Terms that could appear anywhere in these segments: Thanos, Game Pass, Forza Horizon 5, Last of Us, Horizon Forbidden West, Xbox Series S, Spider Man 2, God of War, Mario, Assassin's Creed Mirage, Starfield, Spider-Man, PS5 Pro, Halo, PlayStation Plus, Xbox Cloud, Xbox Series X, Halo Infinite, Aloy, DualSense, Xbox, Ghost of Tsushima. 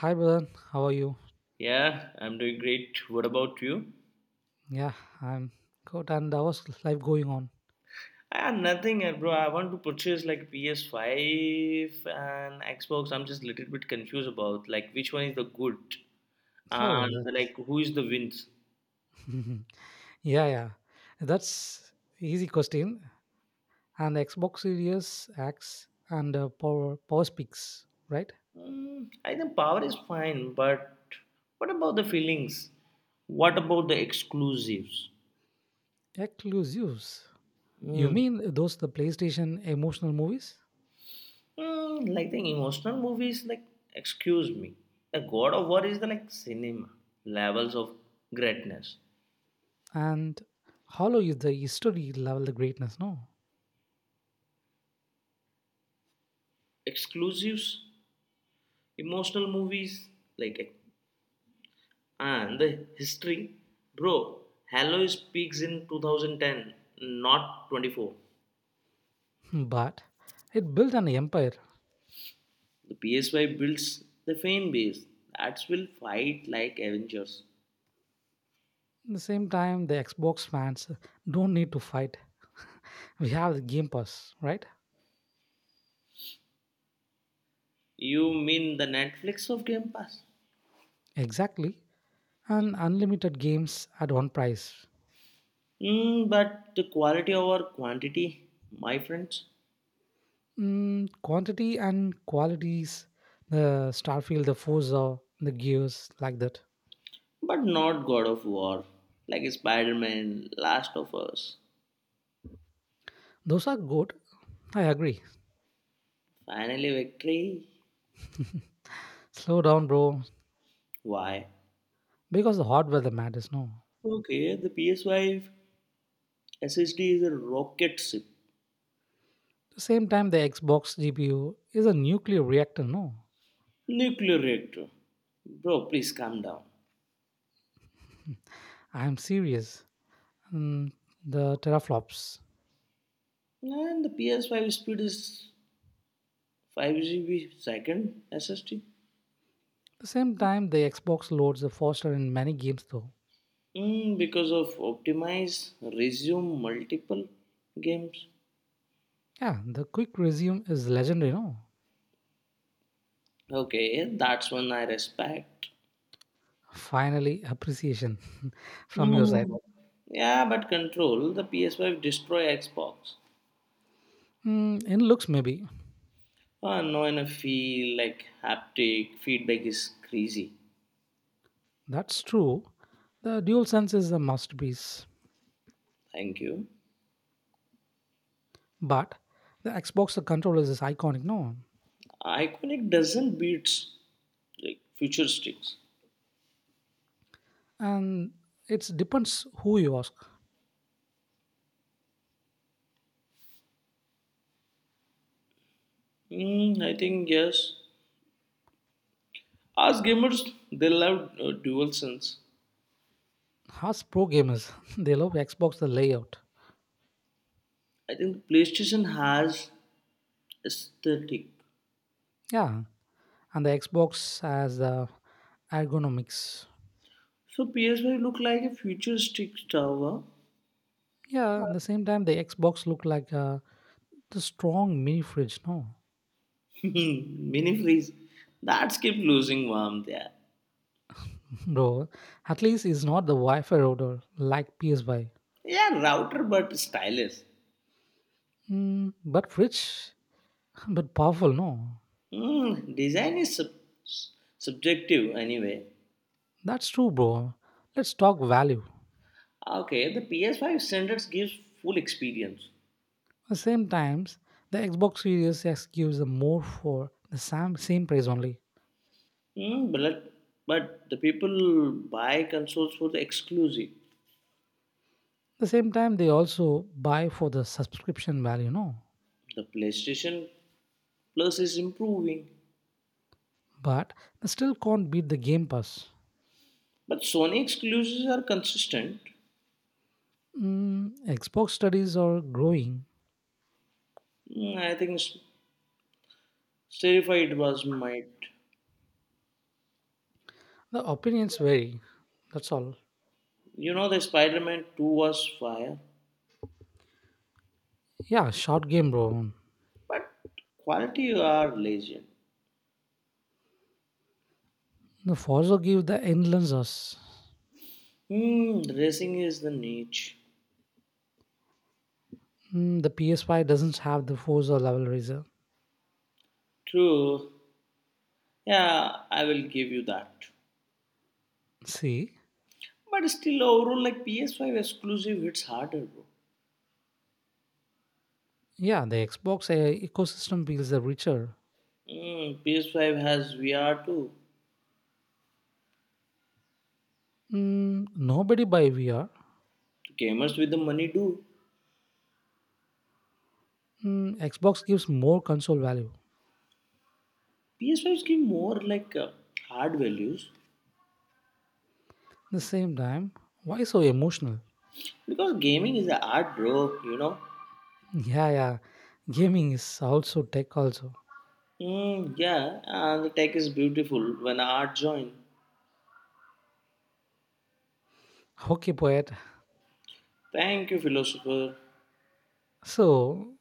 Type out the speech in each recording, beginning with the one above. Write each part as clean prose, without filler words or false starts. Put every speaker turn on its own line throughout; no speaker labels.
Hi, brother. How are you?
Yeah, I'm doing great. What about you?
Yeah, I'm good. And how's life going on?
Ah, nothing, bro. I want to purchase like PS5 and Xbox. I'm just a little bit confused about like which one is the good
Oh, that?
and like who is the wins.
yeah, yeah. That's easy question. And Xbox Series X and Power Speaks, right?
Mm, I think power is fine, but what about the feelings? What about the exclusives?
Exclusives. You
Mm.
mean those the PlayStation emotional movies?
Mm, like the emotional movies, like excuse me, the God of War is the like cinema levels of greatness.
And Hollow is the history level greatness, no?
Exclusives emotional movies like and the history bro, Halois peaks in 2010, not 24.
Hmm, but it built an empire.
The PSY builds the fan base that will fight like Avengers.
At the same time, the Xbox fans don't need to fight. We have the Game Pass, right?
You mean the Netflix of Game Pass?
Exactly, and unlimited games at one price.
Mm, but the quality over quantity, my friends.
Mm, quantity and qualities, the Starfield, the Forza, the Gears, like that.
But not God of War, like Spider Man, Last of Us.
Those are good. I agree.
Finally, victory.
Slow down, bro,
Why?
because the hardware that matters, no.
Okay, the PSY SSD is a rocket ship,
At the same time, the Xbox GPU is a nuclear reactor, no.
nuclear reactor. Bro, please calm down.
I'm serious. Mm, the teraflops. At
And the PS5 speed is 5 GB second SSD.
the same time, the Xbox loads are faster in many games, though.
Mm, because of optimize, resume multiple games.
Yeah, the quick resume is legendary, no.
Okay, that's one I respect.
Finally, appreciation from your side.
Mm. Yeah, but control the PS5 destroy Xbox.
Mm, in looks, maybe.
Ah, no, and I feel like haptic feedback is crazy.
That's true. The DualSense is a masterpiece.
Thank you.
But the Xbox controllers is iconic, no?
Iconic doesn't beat like futuristics.
And it depends who you ask.
Mm, I think yes. As gamers, they love DualSense.
Us pro gamers, they love Xbox the layout.
I think PlayStation has aesthetic.
Yeah. And the Xbox has the ergonomics.
So PS5 look like a futuristic tower.
Yeah, at the same time, the Xbox look like the strong mini fridge, no?
Mini freeze. That's keep losing warmth. Yeah.
Bro, at least it's not the Wi-Fi router like PS5.
Yeah, router but stylish.
Mm, but rich, but powerful, no.
Mm, design is subjective anyway.
That's true, bro. Let's talk value.
Okay, the PS5 standards gives full experience.
At the same times, the Xbox Series X gives them more for the same price only.
Mm, but, but the people buy consoles for the exclusive.
The same time, they also buy for the subscription value, no.
The PlayStation Plus is improving,
But they still can't beat the Game Pass.
but Sony exclusives are consistent.
Mm, Xbox studies are growing.
Mm, I think Terrified was might.
The opinions vary. That's all.
You know, the Spider Man 2 was fire,
Yeah, short game, bro.
but quality are lazy.
The Forza give the endless us.
Hmm, racing is the niche.
Mm, the PS5 doesn't have the Forza level racer.
True. Yeah, I will give you that.
See,
But still, overall, like PS5 exclusive hits harder, bro.
yeah, the Xbox ecosystem feels the richer.
Mm, PS5 has VR too.
Mm, nobody buy VR.
Gamers with the money do.
Mm, Xbox gives more console value.
PS5s give more like hard values
The same time, why so emotional?
because gaming is an art, bro. You know.
Yeah, yeah, gaming is also tech also.
Mm, yeah, and the tech is beautiful when art join.
Okay, poet.
Thank you, philosopher.
So,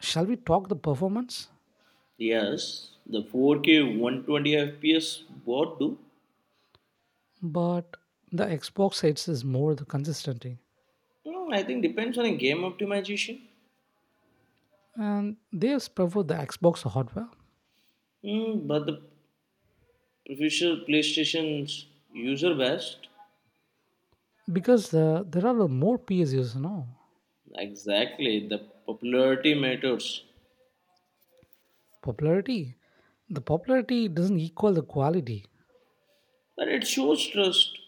shall we talk the performance?
Yes, the 4K 120 FPS what do?
But the Xbox sets is more the consistency,
Mm, I think depends on a game optimization.
and they has prefer the Xbox hardware
Mm, but the official PlayStation's user best.
because there are more PS PSUs now.
Exactly, the popularity matters,
Popularity. The popularity doesn't equal the quality
but it shows trust.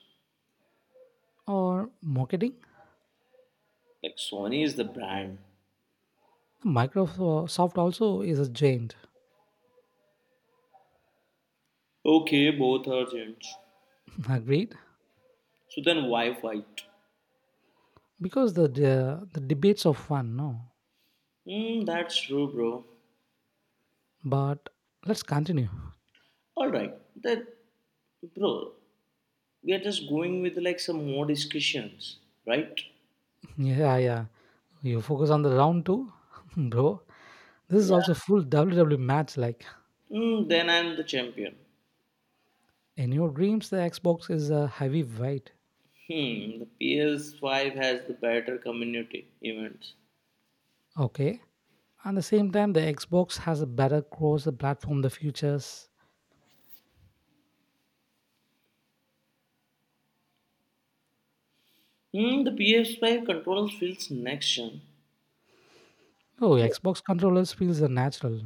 or marketing.
Like Sony is the brand.
Microsoft also is a giant.
Okay, both are gents.
Agreed?
So then why fight?
Because the debates are fun, no?
Hmm, that's true, bro.
But let's continue.
Alright, that bro, we are just going with like some more discussions, right?
Yeah, yeah. You focus on the round two, bro. This is
Yeah.
also full WWE match. Like
Hmm, then I'm the champion.
in your dreams, the Xbox is a heavyweight.
Hmm, the PS5 has the better community events.
Okay. At the same time, the Xbox has a better cross the platform, the futures.
Hmm, the PS5 controls feels next gen.
Oh, Xbox controllers feels the natural.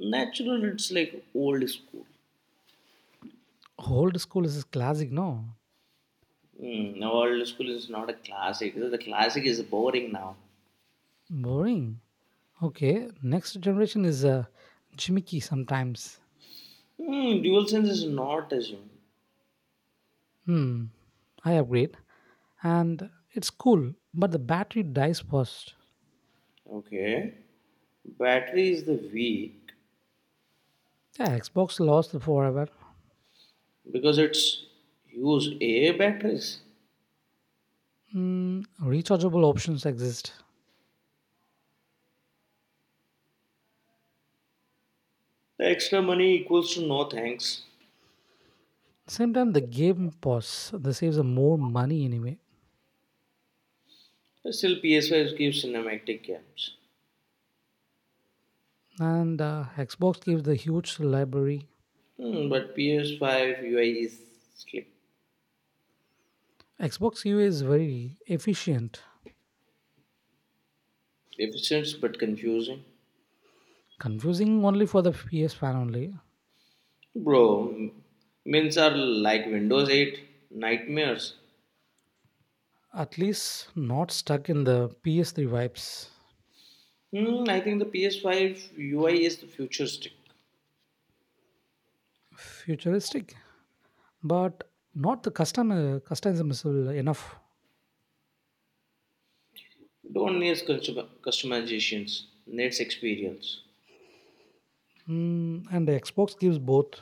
Natural, it's like old school.
Old school is classic, no?
Hmm, now old school is not a classic. The classic is boring now.
Boring. Okay, next generation is gimmicky sometimes.
Hmm, dual sense is not assumed.
Hmm, I upgrade, and it's cool, but the battery dies fast.
Okay. Battery is the weak
Yeah, Xbox lost forever.
because it's use AA batteries.
Hmm, rechargeable options exist.
The extra money equals to no thanks.
Same time, the game pause. This saves more money anyway,
Still, PS5 gives cinematic games.
and Xbox gives the huge library.
Hmm, but PS5 UI is slick.
Xbox UI is very efficient.
Efficient but confusing.
Confusing only for the PS fan only.
Bro, mins are like Windows 8 nightmares.
At least not stuck in the PS3 vibes.
Hmm, I think the PS5 UI is the future.
Futuristic, but not the custom custom is enough.
Don't need customizations, needs experience.
Mm, and the Xbox gives both,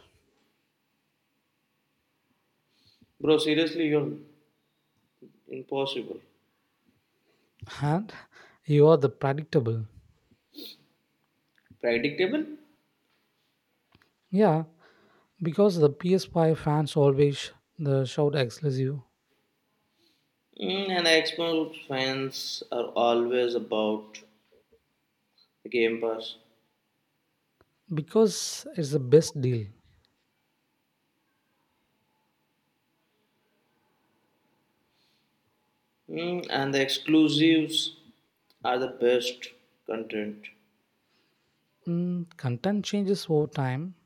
Bro, seriously, you're impossible.
and you are the predictable.
Predictable?
Yeah, because the PS5 fans always the shout exclusive
Mm, and Xbox fans are always about the Game Pass.
because it's the best deal.
Mm, and the exclusives are the best content.
Mm, content changes over time.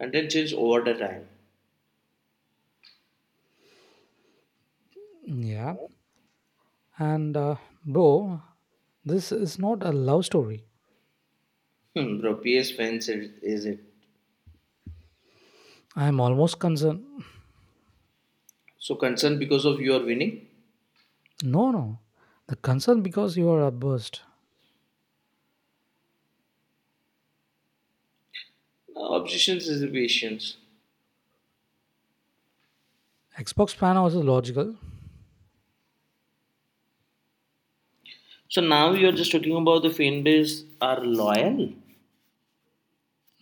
Content change over the time.
Yeah, and bro, this is not a love story.
Hmm, bro, PS fans is it.
I am almost concerned.
So concerned because of your winning?
No, no, the concern because you are a burst.
No, obsessions is patience.
Xbox fan also logical.
So now you're just talking about the fan base are loyal.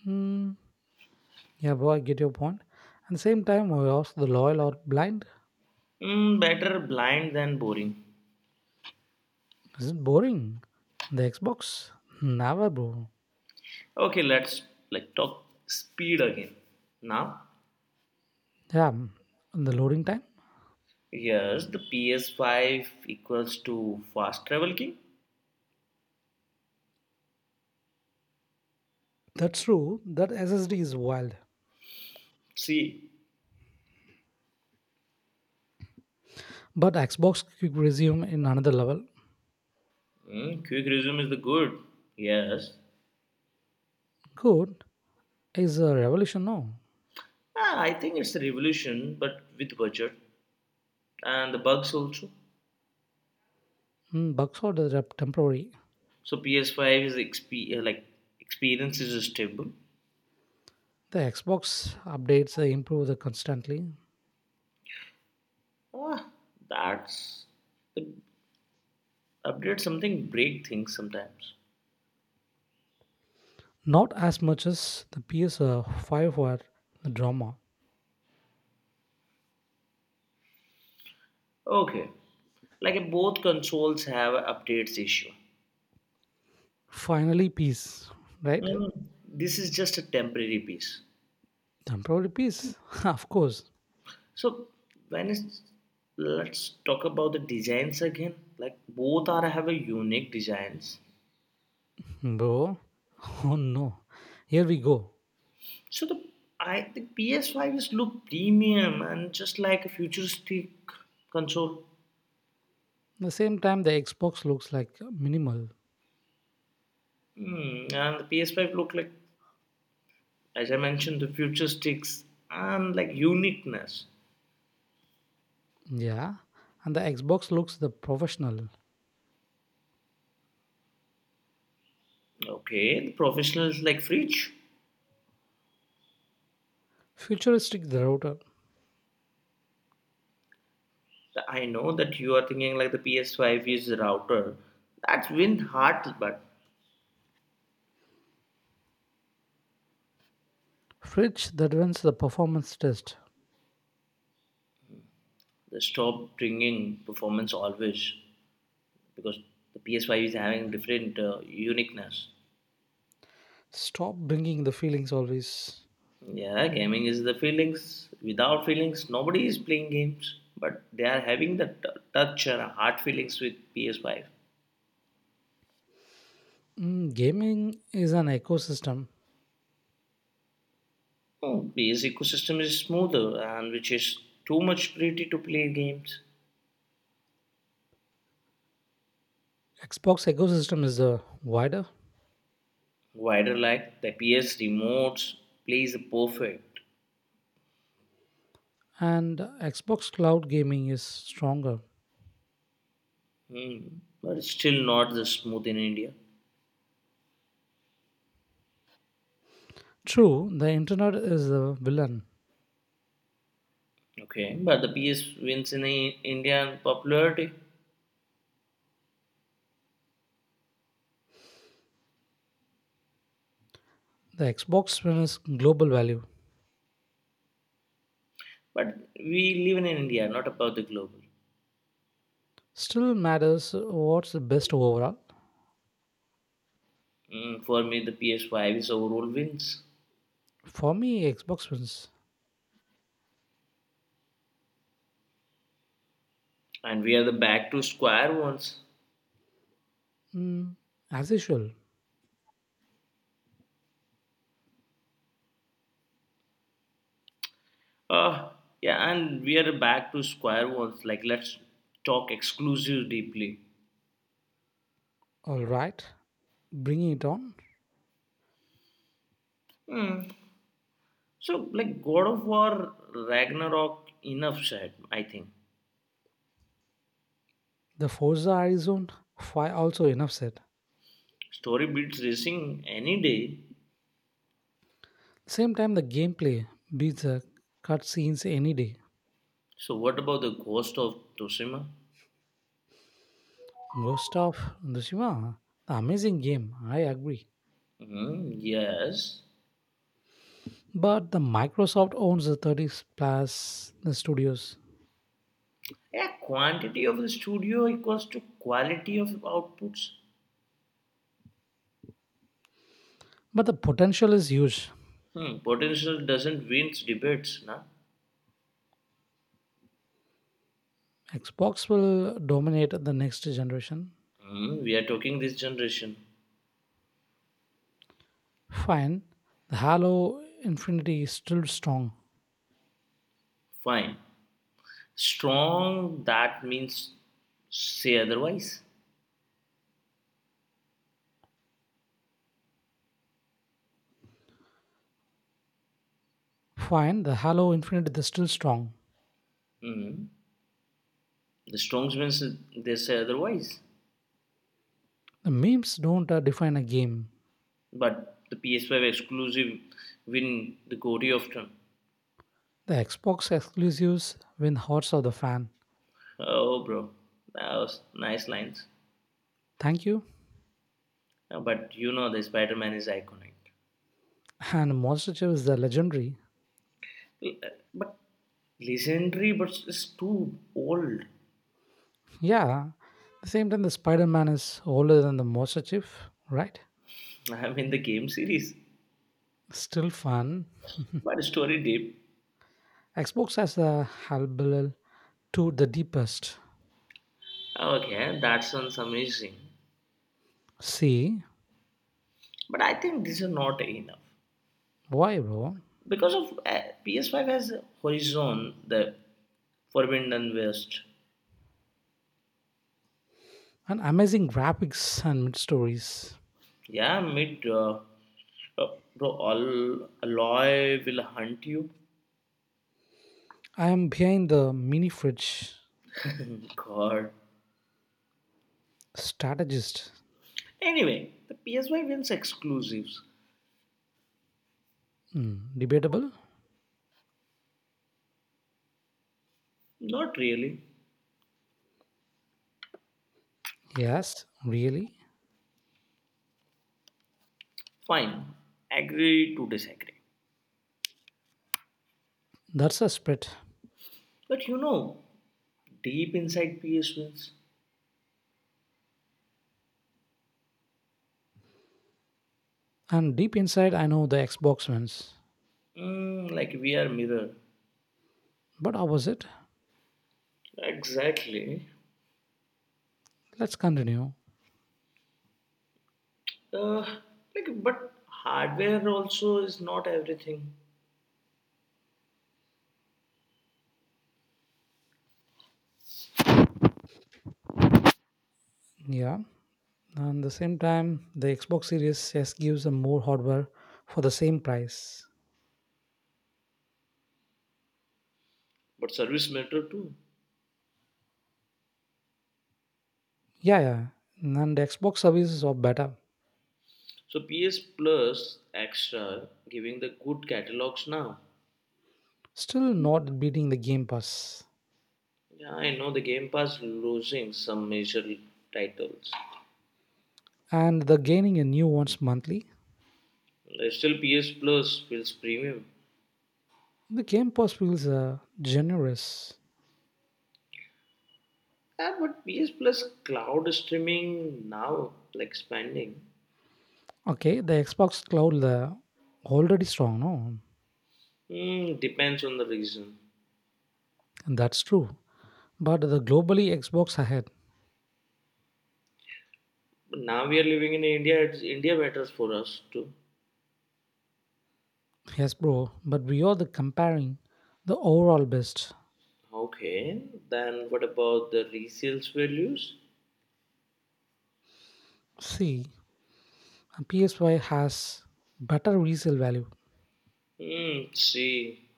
Mm, yeah, bro, I get your point. At the same time, we ask the loyal or blind.
Mm, better blind than boring.
Is it boring? The Xbox? Never, bro.
Okay, let's like talk speed again. Now,
Yeah, mm, the loading time?
here's the PS5 equals to fast travel key.
That's true. That SSD is wild.
See,
But Xbox quick resume in another level.
quick resume is the good. Yes,
Good is a revolution, no?
I think it's a revolution, but with budget and the bugs also.
Mm, bugs are the temporary.
So PS5 is like experience is stable.
The Xbox updates they improve the constantly.
Ah, that's the update something break things sometimes.
Not as much as the PS5 for the drama.
Okay. Like both consoles have a updates issue.
Finally, peace, right?
Mm, this is just a temporary piece.
Tempo peace. Of course,
So when it's, let's talk about the designs again. Like both are have a unique designs.
bro. Oh no. Here we go.
So the I think PS5 is look premium and just like a futuristic console.
The same time the Xbox looks like minimal.
Mm, and the PS5 look like as I mentioned the futuristics and like uniqueness.
Yeah. And the Xbox looks the professional.
Okay, the professionals like fridge.
Futuristic the router.
I know that you are thinking like the PS5 is a router. That's win hard, but
Fridge that runs the performance test.
they stop bringing performance always because the PS5 is having different uniqueness.
Stop bringing the feelings always.
Yeah, gaming is the feelings. Without feelings, nobody is playing games, but they are having the touch and heart feelings with PS5.
Mm, gaming is an ecosystem.
Oh, PS ecosystem is smoother and which is too much pretty to play games.
Xbox ecosystem is the wider
Wider like the PS remotes plays perfect.
and Xbox cloud gaming is stronger.
Hmm. But it's still not the smooth in India.
True, the internet is the villain.
Okay, but the PS wins in India in popularity.
The Xbox One's global value
But we live in India, not about the global.
still matters what's the best overall.
Mm, for me, the PS5 is overall wins,
For me, Xbox wins.
and we are the back to square ones.
Mm, as usual.
Uh, yeah, and we are the back to square ones. Like let's talk exclusive deeply.
All right, bringing it on.
Hmm. So like God of War Ragnarok enough said, I think.
The Forza Horizon 5 also enough said.
Story beats racing any day.
Same time, the gameplay beats the cutscenes any day.
So, what about the ghost of Toshima?
Ghost of Tsushima, the amazing game, I agree.
Hmm, yes.
But the Microsoft owns the 30 plus the studios.
Yeah, quantity of the studio equals to quality of outputs.
But the potential is huge.
Hmm, potential doesn't win debates, na?
Xbox will dominate the next generation.
Hmm, we are talking this generation.
Fine, the Halo Infinity is still strong.
Fine. Strong, that means say otherwise.
Fine, the Halo Infinite is still strong.
Hmm. The strongs means they say otherwise.
The memes don't define a game.
But the PS5 exclusive win the Gori of Turn.
The Xbox exclusives win hearts of the fan.
Oh, bro. That was nice lines.
Thank you.
But you know, the Spider Man is iconic.
And Monster Chief is the legendary.
But legendary, but it's too old.
Yeah, the same time the Spider-Man is older than the Monster Chief, right?
I mean, the game series,
Still fun.
but story deep.
Xbox has a Halbel to the deepest.
Okay, that sounds amazing.
See,
But I think these are not enough
why bro?
because of PS5 has Horizon, the Forbidden West.
And amazing graphics and mid stories.
Yeah, meet uh, bro. All Aloy will hunt you.
I am behind the mini fridge
God.
strategist.
Anyway, the PS5 wins exclusives.
Hmm, debatable?
Not really.
Yes, really?
Fine, agree to disagree.
That's a spread.
But you know, deep inside PS wins,
And deep inside, I know the Xbox wins.
like we are mirror.
But how was it?
Exactly.
Let's continue.
Uh, like, but hardware also is not everything,
Yeah. And the same time, the Xbox Series S gives a more hardware for the same price.
but service matter too.
Yeah, yeah. And the Xbox services are better.
So PS Plus Extra giving the good catalogs now.
Still not beating the Game Pass.
Yeah, I know the Game Pass losing some major titles.
And they're gaining a new ones monthly.
Still, PS Plus feels premium.
The Game Pass feels generous.
Yeah, but PS Plus cloud streaming now, like expanding,
Okay, the Xbox Cloud already strong, no?
depends on the region.
And that's true. But the globally Xbox ahead.
But now we are living in India, India matters for us too.
Yes, bro. But we are the comparing the overall best.
Okay, then what about the resales values?
See, a PSY has better resale value,
Hmm, see,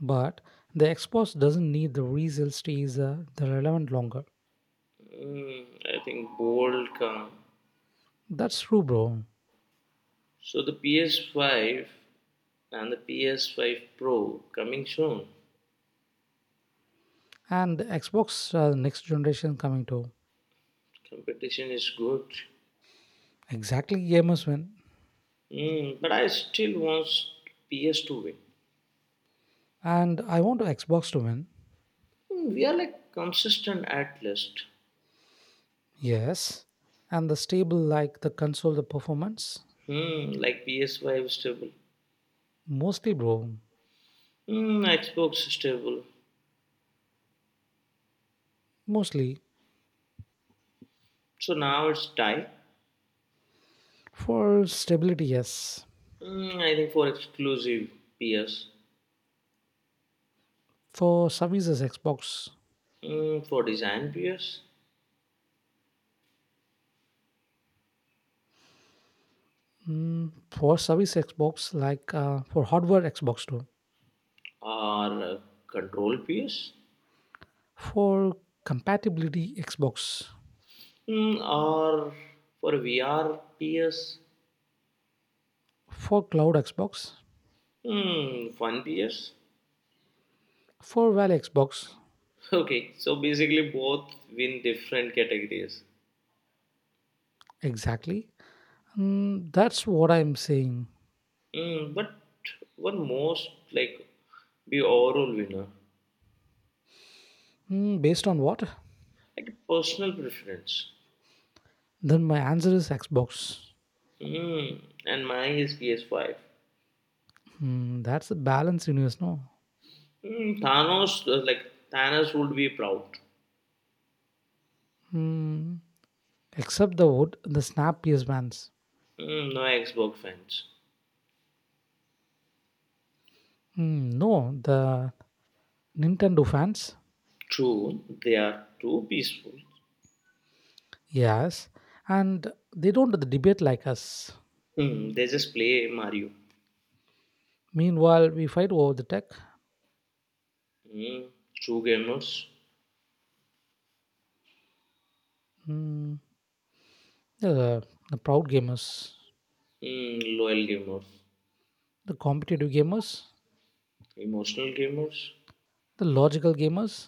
but the Xbox doesn't need the resale stays the relevant longer.
mm, I think bold come.
That's true, bro.
So the PS5 and the PS5 Pro coming soon.
And the Xbox next generation coming to
Competition is good.
exactly gamers win.
Mm, but I still want PS to win.
And I want Xbox to win.
Hmm, we are like consistent at least.
Yes, and the stable like the console, the performance?
Hmm, like PS5 stable.
Mostly, bro.
Hmm, Xbox stable.
Mostly.
So now it's tie.
For stability, yes.
Hmm, I think for exclusive PS.
For services, Xbox.
Hmm, for design PS
Mm, for service, Xbox, like for hardware, Xbox too.
or control PS.
For compatibility, Xbox.
Hmm, or for VR PS.
For cloud, Xbox.
Hmm, fun PS.
For well, Xbox.
Okay, so basically both win different categories.
Exactly. Mm, that's what I'm saying.
Hmm, but one most like be overall winner.
Mm, based on what?
Like a personal preference.
Then my answer is Xbox.
Mm. And mine is PS5.
Mm, that's the balance universe, no?
Mm, Thanos, like Thanos would be proud.
Hmm. Except the wood, the Snap PS fans.
Mm, no Xbox fans.
Hmm, no, the Nintendo fans.
True, they are too peaceful.
Yes, and they don't debate like us.
Mm, they just play Mario.
Meanwhile, we fight over the tech.
Mm, true gamers.
Hmm, the, the proud gamers,
Mm, loyal gamers.
the competitive gamers,
Emotional gamers.
the logical gamers.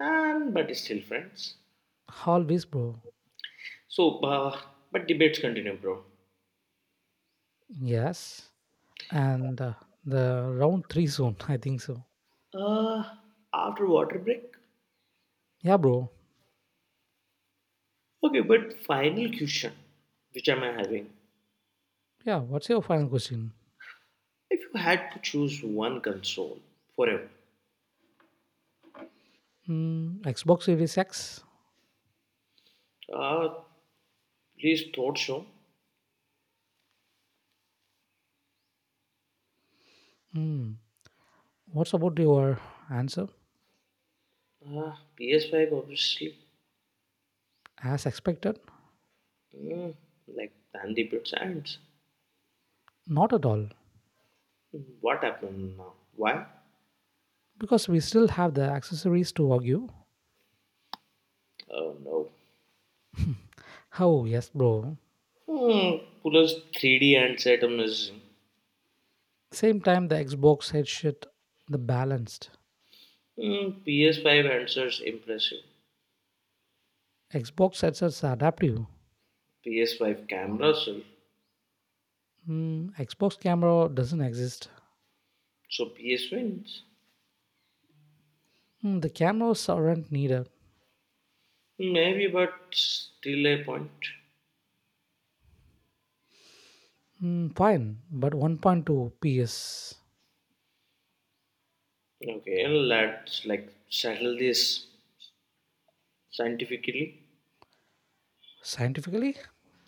And but still friends.
Always, bro.
So, but debates continue, bro.
Yes, and the round three soon. I think so.
Uh, after water break.
Yeah, bro.
Okay, but final question, which am I having?
Yeah. What's your final question?
If you had to choose one console forever,
Hmm, Xbox Series X.
uh, please thought show.
Hmm. What's about your answer?
Uh, PS5, obviously.
As expected,
Mm, like Dandy Bits and
not at all,
what happened now? Why?
because we still have the accessories to argue.
Oh no.
Oh, yes, bro.
Hmm, Puller's 3D handset amazing.
Same time, the Xbox had the balanced.
Mm, PS5 answers impressive.
Xbox headsets are adaptive.
PS5 camera so,
Mm, Xbox camera doesn't exist.
PS wins.
Mm, the cameras aren't needed.
Maybe, but still a point.
Mm, fine, but 1.2 PS
Okay, let's like settle this scientifically.
scientifically?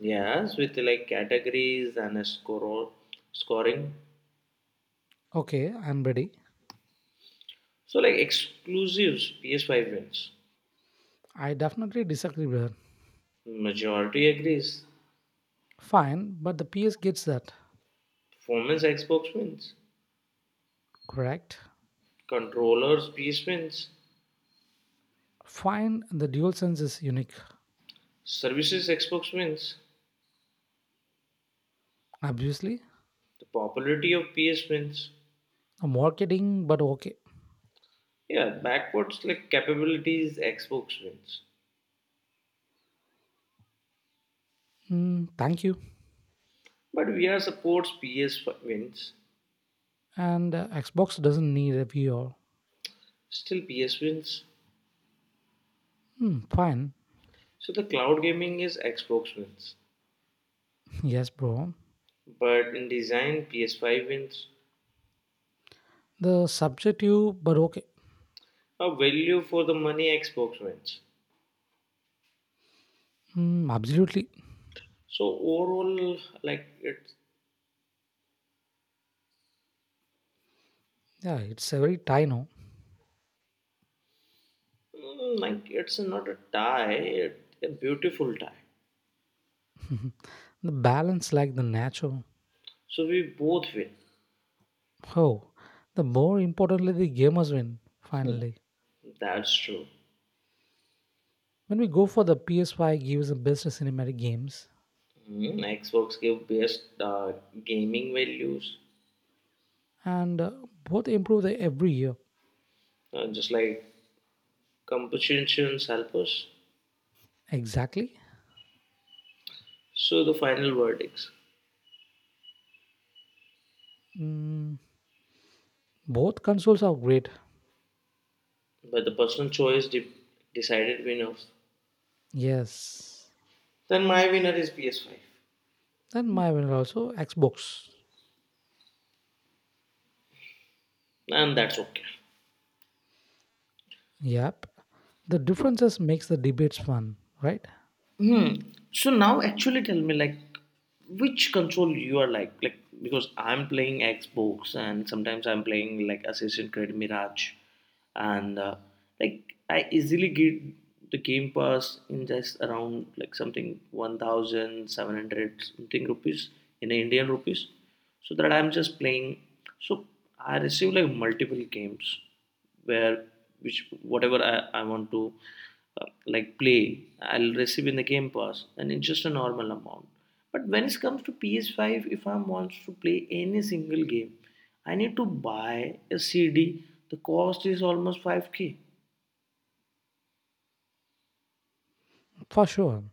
Yes, with like categories and a score scoring.
Okay, I'm ready.
So like exclusives, PS5 wins.
I definitely disagree with her.
Majority agrees.
Fine, but the PS gets that,
Performance Xbox wins.
correct?
Controllers PS wins.
Fine, the DualSense is unique,
Services Xbox wins.
obviously.
The popularity of PS wins.
Marketing, but okay.
Yeah, backwards like capabilities Xbox wins.
Mm, thank you.
But VR supports PS wins.
And Xbox doesn't need a VR.
Still PS wins.
Mm, fine.
So the cloud gaming is Xbox wins.
Yes, bro.
But in design PS5 wins.
The subjective, but okay.
A value for the money Xbox wins.
Mm, absolutely.
So overall, like it's
Yeah, it's a very tino.
like it's not a tie, it, a beautiful tie.
The balance like the natural.
So we both win.
Oh, the more importantly, the gamers win,
Hmm.
finally.
That's true.
When we go for the PS5 gives the best cinematic games,
Mm, Xbox give best gaming values,
and both improve the every year.
just like competitions help us.
Exactly.
So the final verdicts,
Mm, both consoles are great.
but the personal choice decided winners.
Yes.
Then my winner is PS5,
Then my winner also Xbox.
and that's okay.
Yep. The differences makes the debates fun, right?
Hmm. So now actually tell me like which console you are like because I'm playing Xbox, and sometimes I'm playing like Assassin's Creed Mirage, and like I easily get the Game Pass in just around like something 1700 something rupees in Indian rupees, so that I'm just playing, so I receive like multiple games, where which whatever I want to like play, I'll receive in the Game Pass, and it's just a normal amount. But when it comes to PS5, if I want to play any single game, I need to buy a CD. The cost is almost 5K.
For sure.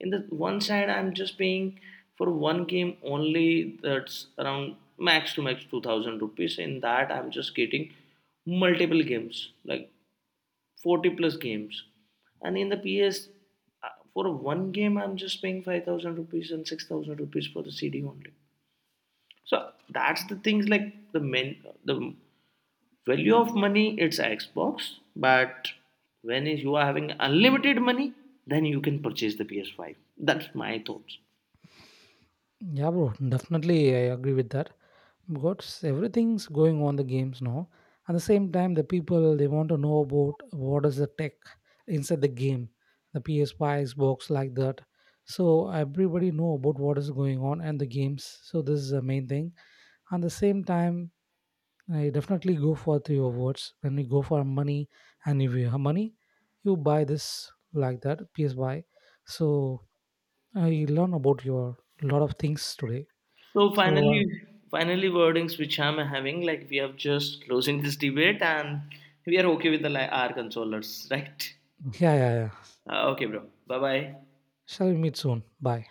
In the one side, I'm just paying for one game only. That's around max to max 2,000 rupees. In that, I'm just getting multiple games like 40 plus games, and in the ps, for one game I'm just paying 5,000 rupees and 6,000 rupees for the cd only, so that's the things, like the men, the value of money it's xbox, but when you are having unlimited money, then you can purchase the PS5, that's my thoughts.
Yeah, bro. Definitely, I agree with that. Because everything's going on the games now. At the same time, the people they want to know about what is the tech inside the game, the PS5, Xbox, like that. So everybody know about what is going on and the games. So this is the main thing. At the same time, I definitely go for three of words. When we go for money, and if you have money, you buy this like that PSY. So I learn about your lot of things today.
So
So
finally, wordings which I'm having, like we are just closing this debate, and we are okay with the our consolers, right?
yeah, yeah, yeah.
Okay, bro. Bye bye.
Shall we meet soon? Bye.